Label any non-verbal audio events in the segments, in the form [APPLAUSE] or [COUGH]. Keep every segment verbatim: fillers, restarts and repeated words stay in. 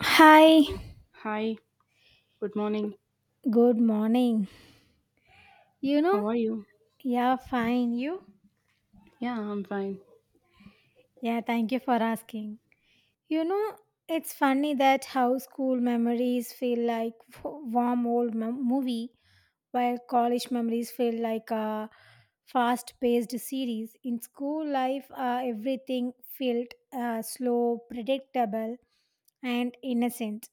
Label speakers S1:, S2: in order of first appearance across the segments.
S1: Hi,
S2: Hi, good morning.
S1: good morning. You know,
S2: How are you?
S1: yeah, fine. You?
S2: Yeah, I'm fine.
S1: Yeah, thank you for asking. You know, it's funny that how school memories feel like w- warm old mem- movie, while college memories feel like a fast-paced series. In school life, uh, everything felt uh, slow, predictable, and innocent.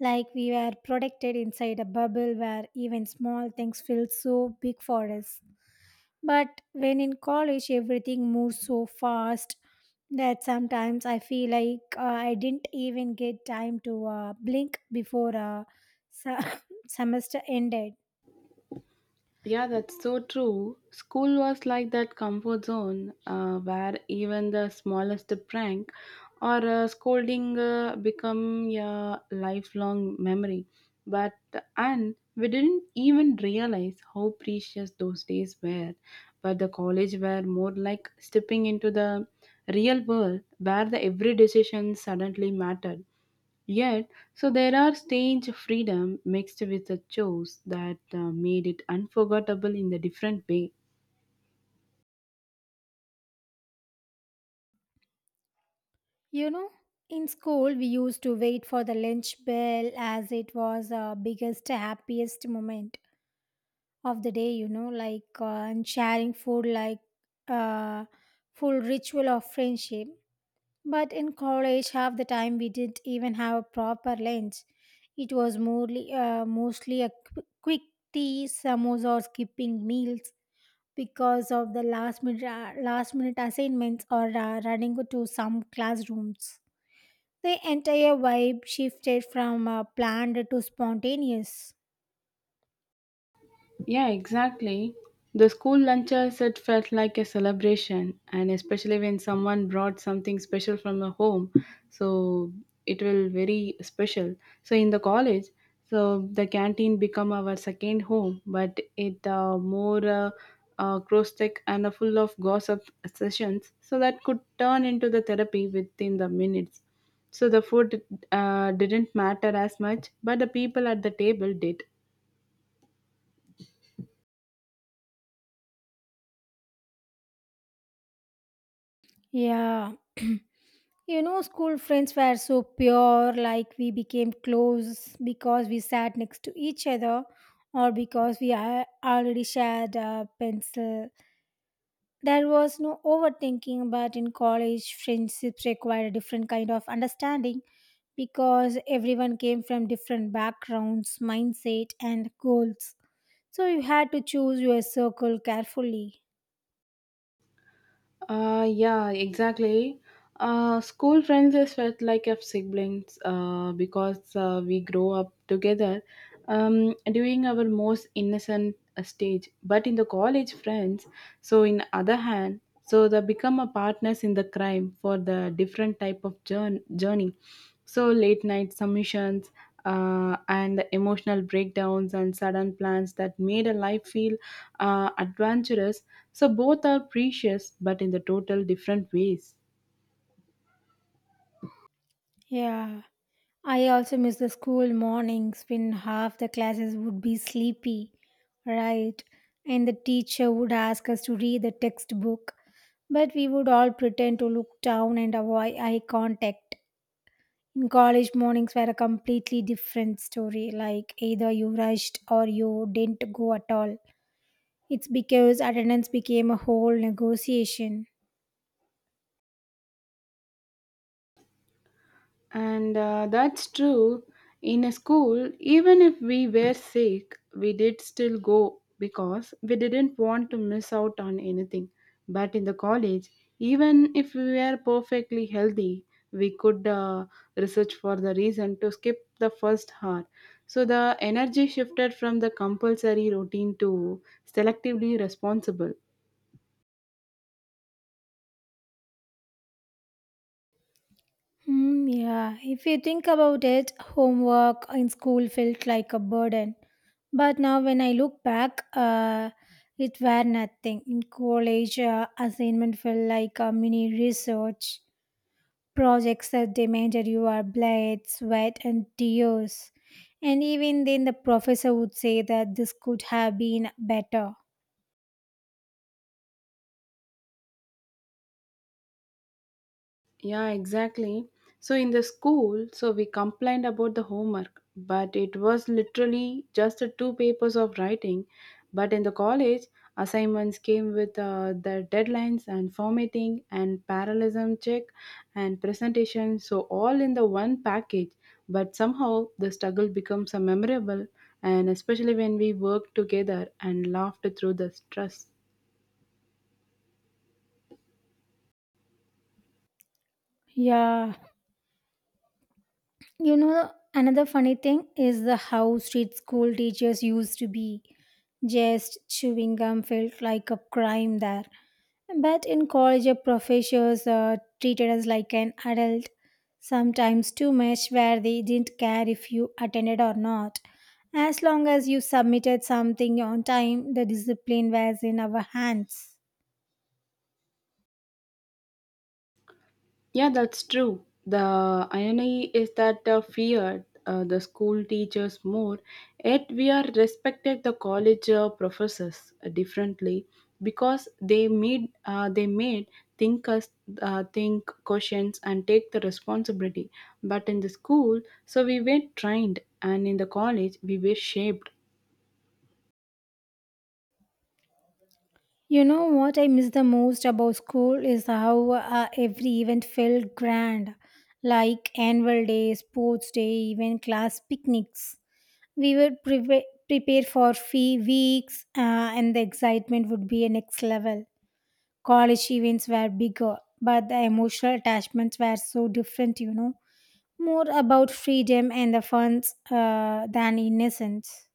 S1: Like we were protected inside a bubble where even small things feel so big for us. But when in college, everything moves so fast that sometimes I feel like uh, I didn't even get time to uh, blink before uh, [LAUGHS] su- [COUGHS] semester ended.
S2: Yeah, that's so true. School was like that comfort zone uh, where even the smallest prank or uh, scolding uh, become a lifelong memory. But and we didn't even realize how precious those days were. But the college were more like stepping into the real world where the every decision suddenly mattered. Yet, so there are stage freedom mixed with the chores that uh, made it unforgettable in the different way.
S1: You know, in school, we used to wait for the lunch bell as it was our biggest, happiest moment of the day, you know, like uh, and sharing food like uh, full ritual of friendship. But in college, half the time we didn't even have a proper lunch. It was mostly, uh, mostly a qu- quick tea, samosa, or skipping meals because of the last minute, uh, last minute assignments or uh, running to some classrooms. The entire vibe shifted from uh, planned to spontaneous.
S2: Yeah, exactly. The school lunches, it felt like a celebration, and especially when someone brought something special from the home, so it will very special. So in the college, so the canteen become our second home, but it uh, more uh, uh, cross-check and uh, full of gossip sessions, so that could turn into the therapy within the minutes. So the food uh, didn't matter as much, but the people at the table did.
S1: Yeah. You know, school friends were so pure, like we became close because we sat next to each other or because we a- already shared a pencil. There was no overthinking, but in college, friendships required a different kind of understanding because everyone came from different backgrounds, mindset, and goals. So you had to choose your circle carefully.
S2: Uh, yeah, exactly. Uh, school friends is felt like a siblings uh, because uh, we grow up together um, during our most innocent uh, stage. But in the college friends, so in other hand, so they become a partners in the crime for the different type of jour- journey. So late night submissions uh, and the emotional breakdowns and sudden plans that made a life feel uh, adventurous. So both are precious, but in the total different ways.
S1: Yeah. I also miss the school mornings when half the classes would be sleepy, right? And the teacher would ask us to read the textbook, but we would all pretend to look down and avoid eye contact. In college, mornings were a completely different story, like either you rushed or you didn't go at all. It's because attendance became a whole negotiation.
S2: And uh, That's true. In a school, even if we were sick, we did still go because we didn't want to miss out on anything. But in the college, even if we were perfectly healthy, we could uh, research for the reason to skip the first hour. So the energy shifted from the compulsory routine to selectively responsible.
S1: Hmm, yeah, if you think about it, homework in school felt like a burden. But now, when I look back, uh, it were nothing. In college, uh, assignment felt like a mini research projects that demanded your blood, sweat, and tears. And even then, the professor would say that this could have been better.
S2: Yeah, exactly. So in the school, so we complained about the homework, but it was literally just the two papers of writing. But in the college, assignments came with uh, the deadlines and formatting and parallelism check and presentation, so all in the one package. But somehow the struggle becomes a memorable, and especially when we worked together and laughed through the stress.
S1: Yeah. You know, another funny thing is the how street school teachers used to be. Just chewing gum felt like a crime there. But in college, your professors uh, treated us like an adult, sometimes too much, where they didn't care if you attended or not. As long as you submitted something on time, the discipline was in our hands.
S2: Yeah, that's true. The irony is that the fear uh, the school teachers more, yet we are respected the college uh, professors uh, differently because they made uh, they made think us uh, think questions and take the responsibility. But in the school, so we were trained, and in the college we were shaped.
S1: You know what I miss the most about school is how uh, every event felt grand, like annual day, sports day, even class picnics. We were preve- prepared for fee weeks, uh, and the excitement would be a next level. College events were bigger, but the emotional attachments were so different. You know, more about freedom and the funds uh, than innocence.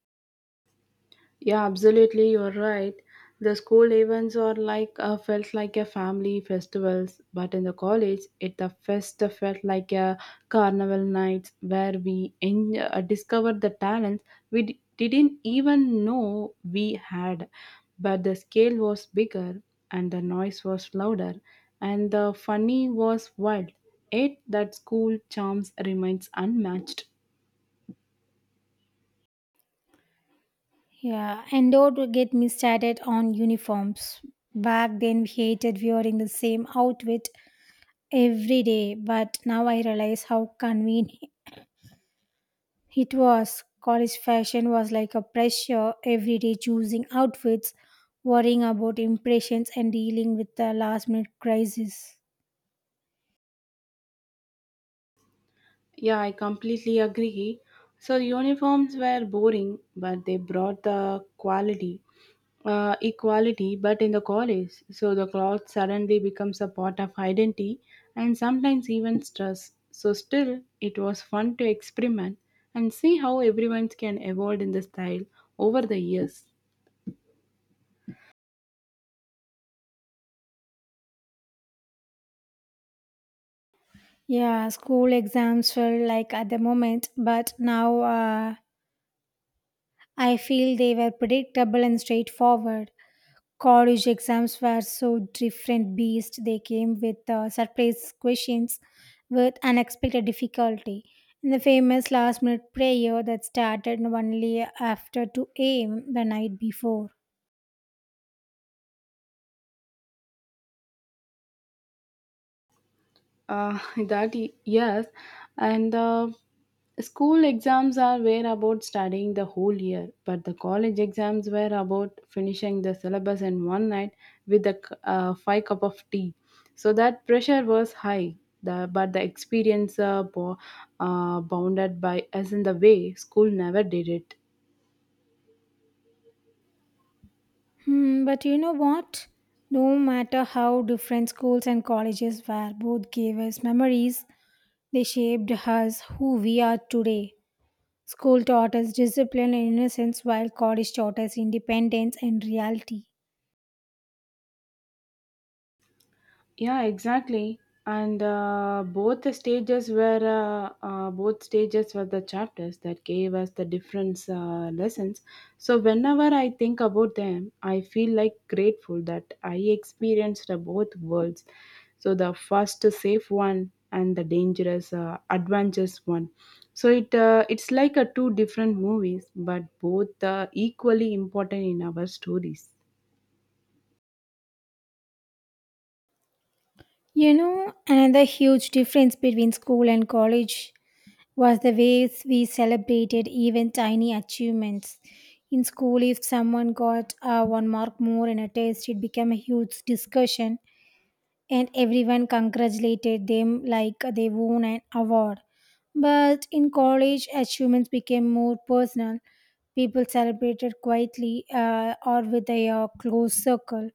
S2: Yeah, absolutely. You're right. The school events are like uh, felt like a family festivals, but in the college, it the fest felt like a carnival night where we en- uh, discovered the talents we d- didn't even know we had. But the scale was bigger, and the noise was louder, and the funny was wild. Yet that school charms remains unmatched.
S1: Yeah, and don't get me started on uniforms. Back then, we hated wearing the same outfit every day, but now I realize how convenient it was. College fashion was like a pressure every day, choosing outfits, worrying about impressions, and dealing with the last minute crisis.
S2: Yeah, I completely agree. So uniforms were boring, but they brought the quality, uh, equality. But in the college, so the cloth suddenly becomes a part of identity, and sometimes even stress. So still, it was fun to experiment and see how everyone can evolve in the style over the years.
S1: Yeah, school exams felt like at the moment, but now uh, I feel they were predictable and straightforward. College exams were so different beast, they came with uh, surprise questions with unexpected difficulty and the famous last minute prayer that started only after two a m a.m the night before.
S2: Uh, [LAUGHS] that y- yes, and uh, school exams are were about studying the whole year, but the college exams were about finishing the syllabus in one night with a c- uh, five cup of tea. So that pressure was high. The, but the experience uh, bo- uh, bounded by us in the way school never did it.
S1: Hmm, but you know what? No matter how different schools and colleges were, both gave us memories. They shaped us who we are today. School taught us discipline and innocence, while college taught us independence and reality.
S2: Yeah, exactly. And uh, Both the stages were uh, uh, both stages were the chapters that gave us the different uh, lessons. So whenever I think about them, I feel like grateful that I experienced uh, both worlds. So the first safe one and the dangerous uh, adventurous one. So it uh, it's like a two different movies, but both uh, equally important in our stories.
S1: You know, another huge difference between school and college was the ways we celebrated even tiny achievements. In school, if someone got uh, one mark more in a test, it became a huge discussion, and everyone congratulated them like they won an award. But in college, achievements became more personal. People celebrated quietly uh, or with a uh, close circle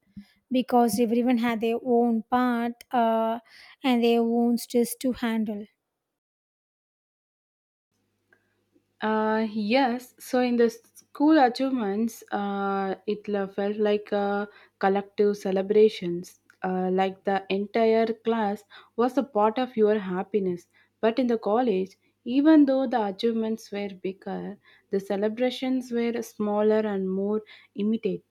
S1: because everyone had their own part uh, and their own stress to handle.
S2: Uh, yes. So in the school achievements, uh, it la- felt like a collective celebrations. Uh, like the entire class was a part of your happiness. But in the college, even though the achievements were bigger, the celebrations were smaller and more imitative.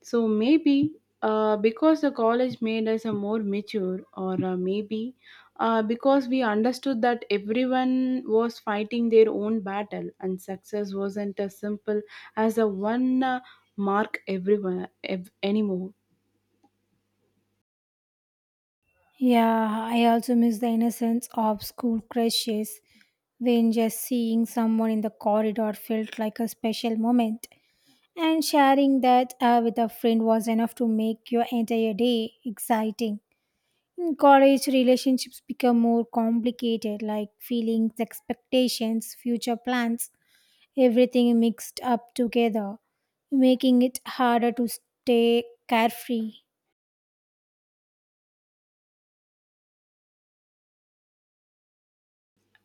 S2: So maybe uh, because the college made us a more mature, or uh, maybe uh, because we understood that everyone was fighting their own battle and success wasn't as simple as a one uh, mark everyone ev- anymore.
S1: Yeah, I also miss the innocence of school crushes when just seeing someone in the corridor felt like a special moment. And sharing that uh, with a friend was enough to make your entire day exciting. In college, relationships become more complicated, like feelings, expectations, future plans, everything mixed up together, making it harder to stay carefree.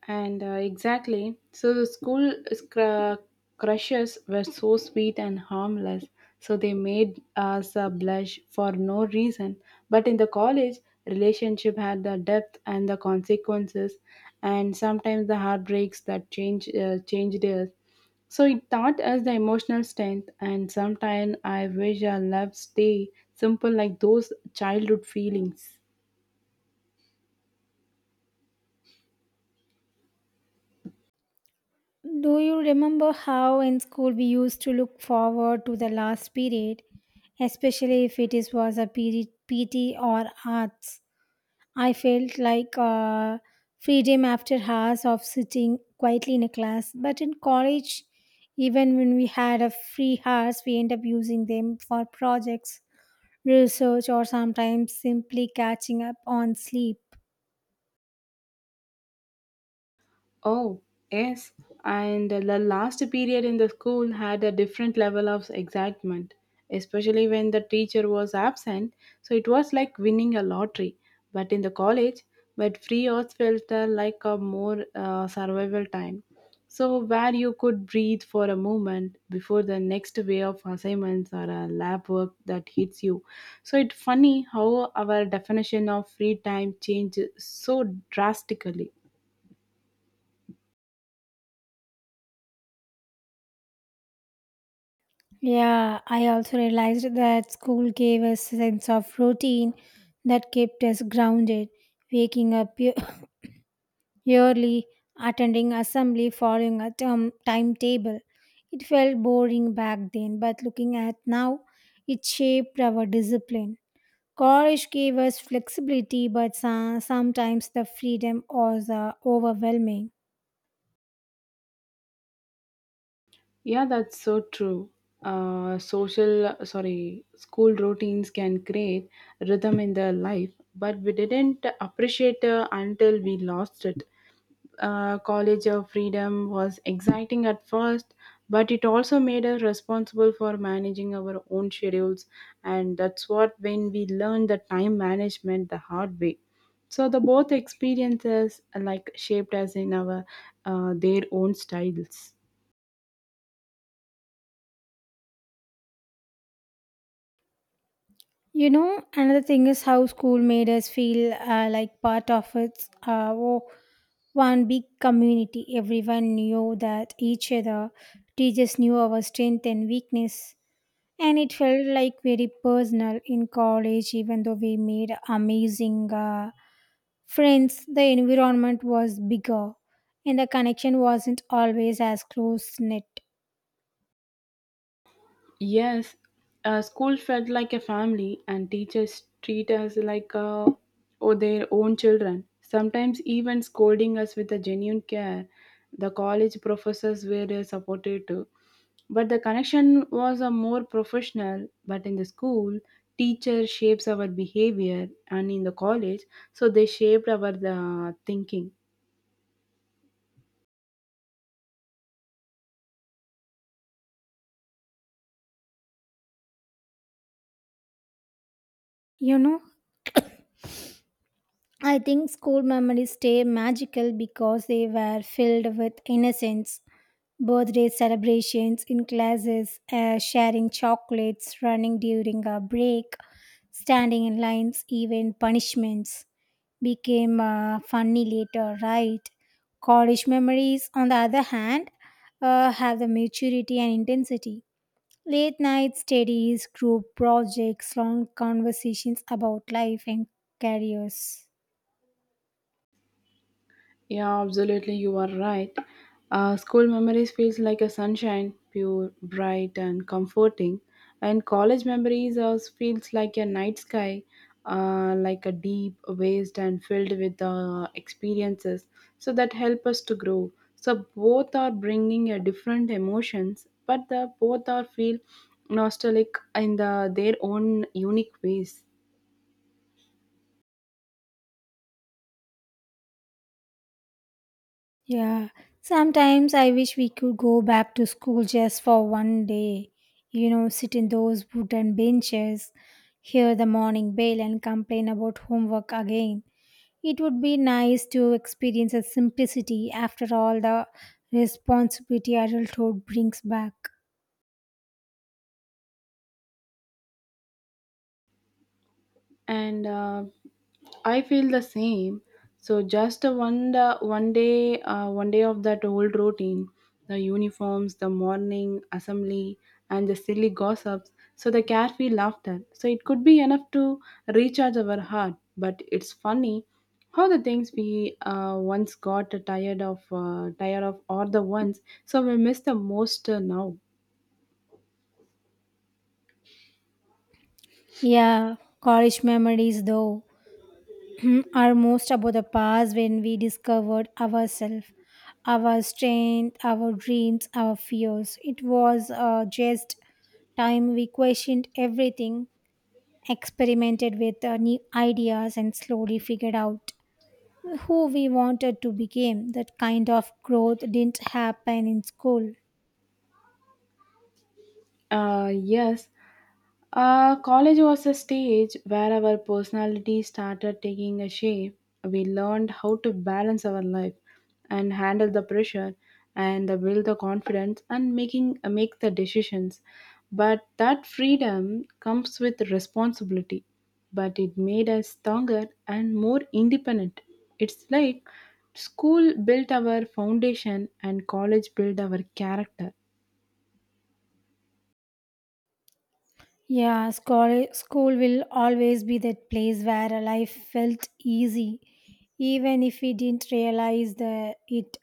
S2: And uh, Exactly, so the school scr- crushes were so sweet and harmless, so they made us uh, blush for no reason. But in the college, relationship had the depth and the consequences, and sometimes the heartbreaks that change uh, changed us. So it taught us the emotional strength, and sometimes I wish our love stay simple like those childhood feelings.
S1: Do you remember how in school we used to look forward to the last period, especially if it is, was a period, P T or arts? I felt like uh, freedom after hours of sitting quietly in a class. But in college, even when we had a free hours, we end up using them for projects research, or sometimes simply catching up on sleep.
S2: Oh, yes. And the last period in the school had a different level of excitement, especially when the teacher was absent. So it was like winning a lottery. But in the college, but free hours felt uh, like a more uh, survival time. So where you could breathe for a moment before the next wave of assignments or a lab work that hits you. So it's funny how our definition of free time changes so drastically.
S1: Yeah, I also realized that school gave us a sense of routine that kept us grounded, waking up ye- [CLEARS THROAT] yearly, attending assembly, following a term timetable. It felt boring back then, but looking at now, it shaped our discipline. College gave us flexibility, but so- sometimes the freedom was uh, overwhelming.
S2: Yeah, that's so true. Uh, social, sorry, school routines can create rhythm in their life, but we didn't appreciate uh, until we lost it. Uh, college of freedom was exciting at first, but it also made us responsible for managing our own schedules, and that's what when we learned the time management the hard way. So the both experiences uh, like shaped us in our uh, their own styles.
S1: You know, another thing is how school made us feel uh, like part of its uh, wo- one big community. Everyone knew that each other. Teachers knew our strength and weakness. And it felt like very personal in college, even though we made amazing uh, friends. The environment was bigger and the connection wasn't always as close knit.
S2: Yes, uh, school felt like a family, and teachers treat us like uh, or their own children, sometimes even scolding us with a genuine care. The college professors were uh, supportive too, but the connection was a more professional. But in the school, teacher shapes our behavior, and in the college, so they shaped our uh, thinking.
S1: You know, I think school memories stay magical because they were filled with innocence, birthday celebrations in classes, uh, sharing chocolates, running during a break, standing in lines, even punishments became uh, funny later, right? College memories, on the other hand, uh, have the maturity and intensity. Late night studies, group projects, long conversations about life and careers.
S2: Yeah, absolutely, you are right. Uh, school memories feels like a sunshine, pure, bright, and comforting, and college memories uh, feels like a night sky, uh, like a deep waste and filled with uh, experiences, so that help us to grow. So both are bringing a different emotions, but the both are feel nostalgic in the their own unique ways,
S1: Yeah, sometimes I wish we could go back to school just for one day. You know, sit in those wooden benches, hear the morning bell, and complain about homework again. It would be nice to experience the simplicity after all the responsibility adulthood brings back.
S2: and. Uh, I feel the same. So just a one da- one day, uh, one day of that old routine, the uniforms, the morning assembly, and the silly gossips. So the carefree laughter. So it could be enough to recharge our heart. But it's funny how the things we uh, once got tired of, uh, tired of, or the ones so we miss the most uh, now.
S1: Yeah, college memories though [CLEARS THROAT] are most about the past when we discovered ourselves, our strength, our dreams, our fears. It was uh, just time we questioned everything, experimented with uh, new ideas, and slowly figured out who we wanted to become. That kind of growth didn't happen in school.
S2: Uh, yes, uh, college was a stage where our personality started taking a shape. We learned how to balance our life and handle the pressure and uh, build the confidence and making uh, make the decisions. But that freedom comes with responsibility. But it made us stronger and more independent. It's like school built our foundation and college built our character.
S1: Yeah, school, school will always be that place where a life felt easy, even if we didn't realize the, it.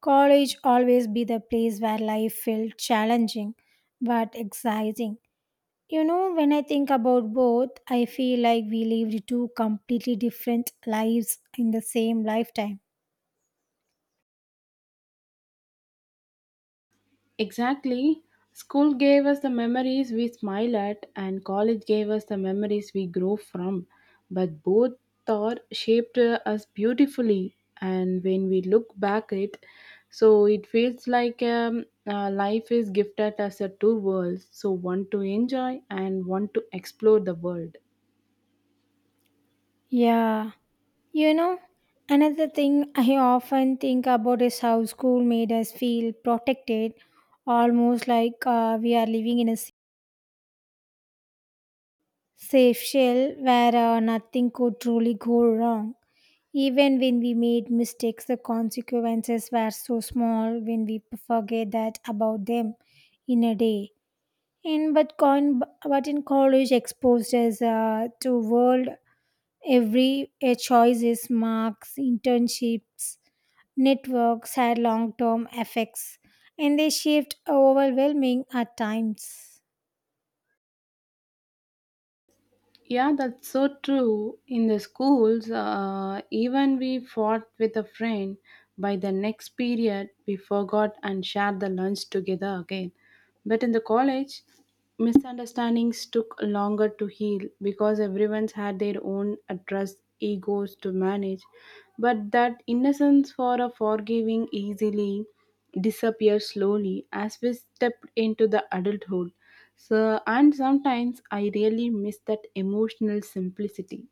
S1: College always be the place where life felt challenging but exciting. You know, when I think about both, I feel like we lived two completely different lives in the same lifetime.
S2: Exactly. School gave us the memories we smile at, and college gave us the memories we grow from. But both thought shaped uh, us beautifully, and when we look back it, so it feels like um, uh, life is gifted us a two worlds, so one to enjoy and one to explore the world.
S1: Yeah. You know, another thing I often think about is how school made us feel protected, almost like uh, we are living in a sa- safe shell where uh, nothing could truly go wrong. Even when we made mistakes, the consequences were so small when we forget that about them in a day. And but, con- but in college exposed us uh, to world. Every a choice is marks, internships, networks had long term effects and they shift overwhelming at times.
S2: Yeah, that's so true. In the schools, uh, even we fought with a friend. By the next period, we forgot and shared the lunch together again. But in the college, misunderstandings took longer to heal because everyone's had their own address egos to manage. But that innocence for a forgiving easily disappears slowly as we step into the adulthood. So, and sometimes I really miss that emotional simplicity.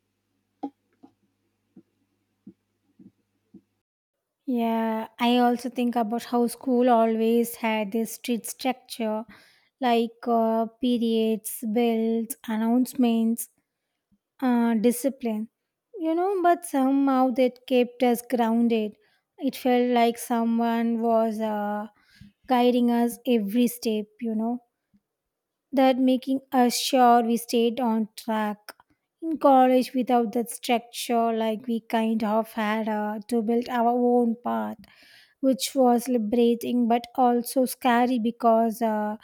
S1: Yeah, I also think about how school always had this strict structure like uh, periods, bells, announcements, uh, discipline. You know, but somehow that kept us grounded. It felt like someone was uh, guiding us every step, you know, that making us sure we stayed on track. In college, without that structure, like we kind of had uh, to build our own path, which was liberating but also scary because uh,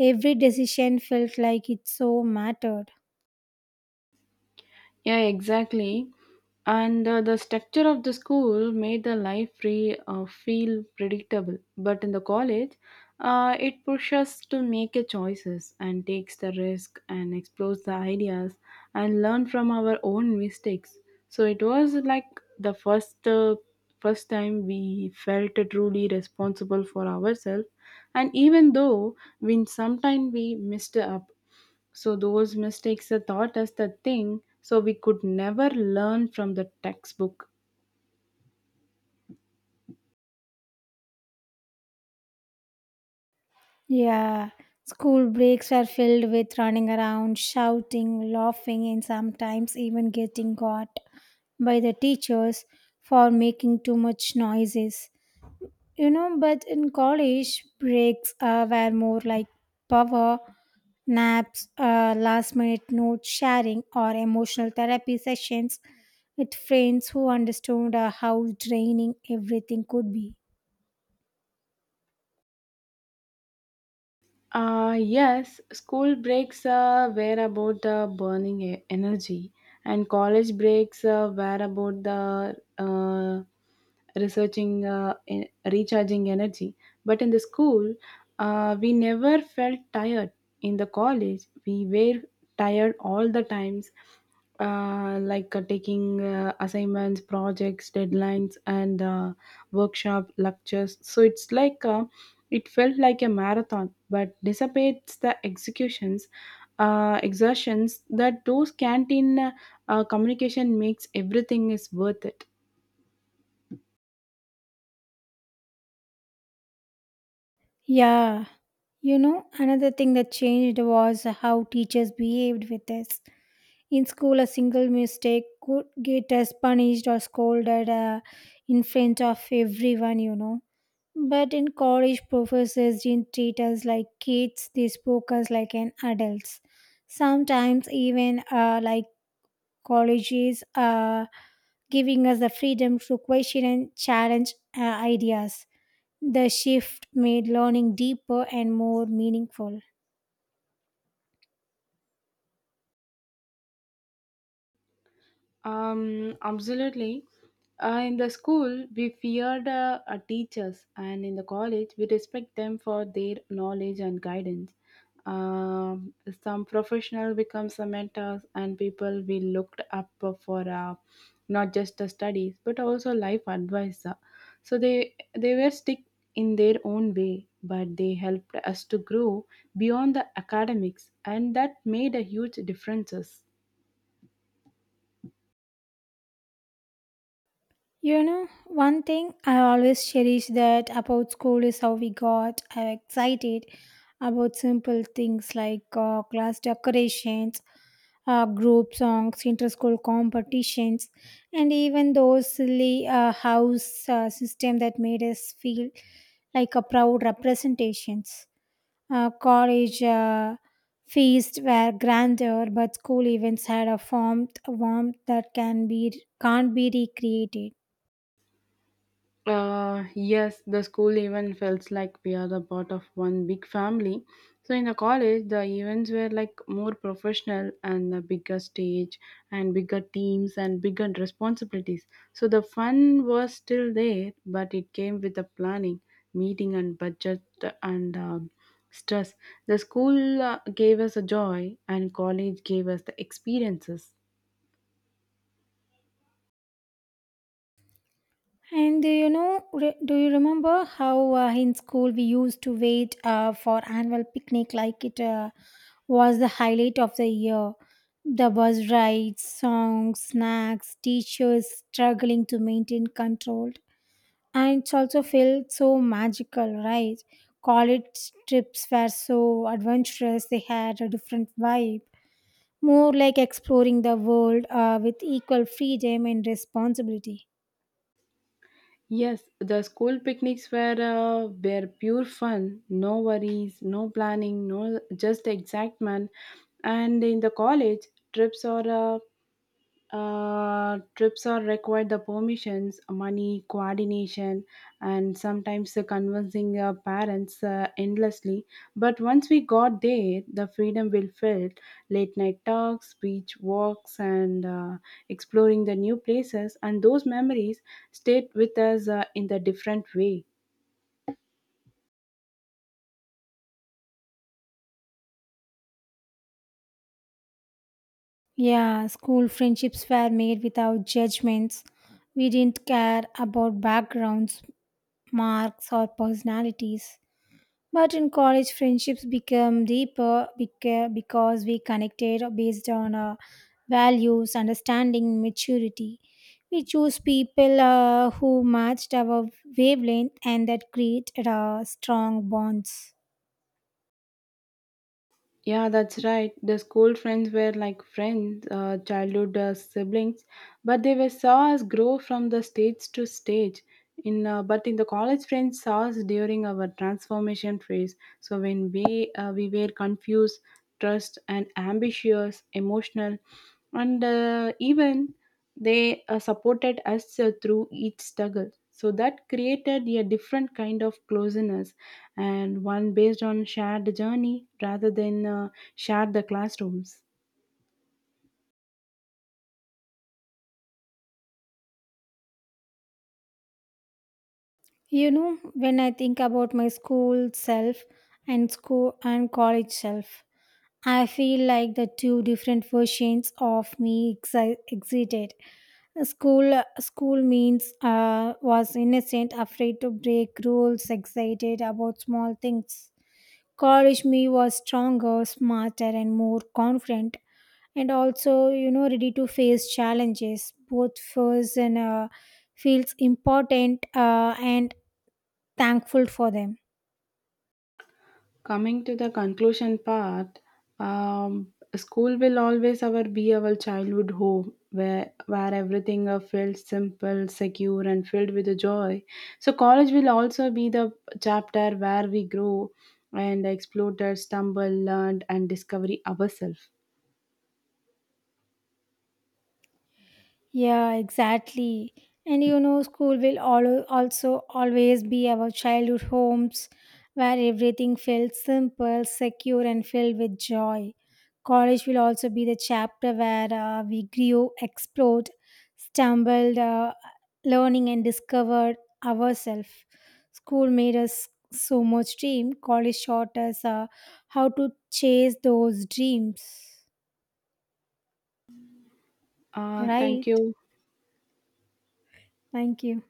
S1: every decision felt like it so mattered.
S2: Yeah, exactly. And uh, The structure of the school made the life free uh, feel predictable. But in the college, uh, it pushes us to make a choices and takes the risk and explores the ideas and learn from our own mistakes. So it was like the first uh, first time we felt truly responsible for ourselves. And even though we sometimes we messed up, so those mistakes are taught as the thing, so we could never learn from the textbook.
S1: Yeah, school breaks were filled with running around, shouting, laughing, and sometimes even getting caught by the teachers for making too much noises. You know, but in college, breaks uh, were more like power naps, uh, last minute note sharing, or emotional therapy sessions with friends who understood uh, how draining everything could be.
S2: Uh, yes, school breaks uh, were about the burning e- energy, and college breaks uh, were about the uh, researching, uh, e- recharging energy. But in the school, uh, we never felt tired. In the college, we were tired all the times, uh, like uh, taking uh, assignments, projects, deadlines, and uh, workshop lectures. So it's like. Uh, it felt like a marathon, but dissipates the executions, uh, exertions that those canteen uh, communication makes everything is worth it.
S1: Yeah. You know, another thing that changed was how teachers behaved with us. In school, a single mistake could get us punished or scolded uh, in front of everyone, you know. But in college, professors didn't treat us like kids, they spoke us like an adults. Sometimes, even uh, like colleges, uh, giving us the freedom to question and challenge uh, ideas. The shift made learning deeper and more meaningful.
S2: Um, absolutely. Uh, in the school, we feared uh, our teachers, and in the college, we respect them for their knowledge and guidance. Um, some professional become some mentors, and people we looked up for uh, not just the studies but also life advice. So they they were stick in their own way, but they helped us to grow beyond the academics, and that made a huge differences.
S1: You know, one thing I always cherish that about school is how we got uh, excited about simple things like uh, class decorations, uh, group songs, inter-school competitions, and even those silly uh, house uh, system that made us feel like a proud representations. Uh, college uh, feasts were grander, but school events had a form warmth that can be can't be recreated.
S2: Uh, yes, the school event felt like we are the part of one big family. So in the college, the events were like more professional and a bigger stage and bigger teams and bigger responsibilities. So the fun was still there, but it came with the planning, meeting, and budget and um, stress. The school uh, gave us a joy, and college gave us the experiences.
S1: And do you know, re- do you remember how uh, in school we used to wait uh, for annual picnic like it uh, was the highlight of the year? The bus rides, songs, snacks, teachers struggling to maintain control. And it also felt so magical, right? College trips were so adventurous, they had a different vibe, more like exploring the world uh, with equal freedom and responsibility.
S2: Yes, the school picnics were uh, were pure fun. No worries, no planning, no just excitement. And in the college trips are uh, uh, trips are required the permissions money coordination and sometimes the convincing uh, parents uh, endlessly but once we got there the freedom will felt late night talks beach walks and uh, exploring the new places and those memories stayed with us uh, in the different way.
S1: Yeah, school friendships were made without judgments. We didn't care about backgrounds, marks, or personalities. But in college, friendships become deeper beca- because we connected based on uh, values, understanding, maturity. We choose people uh, who matched our wavelength and that created uh, strong bonds.
S2: Yeah, that's right. The school friends were like friends, uh, childhood uh, siblings, but they were saw us grow from the stage to stage. In uh, but in the college friends saw us during our transformation phase. So when we uh, we were confused, trust and ambitious, emotional, and uh, even they uh, supported us uh, through each struggle. So that created a different kind of closeness and one based on shared journey rather than uh, shared the classrooms.
S1: You know, when I think about my school self and school and college self, I feel like the two different versions of me exi- existed. School, school means uh, was innocent, afraid to break rules, excited about small things. College me was stronger, smarter, and more confident, and also you know ready to face challenges. Both feels and uh, Feels important uh, and thankful for them.
S2: Coming to the conclusion part, um, school will always our be our childhood home where where everything uh, felt simple, secure, and filled with joy. So college will also be the chapter where we grow and explore, stumble, learn, and discover ourselves.
S1: Yeah, exactly. And you know, school will al- also always be our childhood homes where everything felt simple, secure, and filled with joy. College will also be the chapter where uh, we grew, explored, stumbled, uh, learning, and discovered ourselves. School made us so much dream. College taught us uh, how to chase those dreams.
S2: Uh, thank
S1: Right?
S2: you.
S1: Thank you.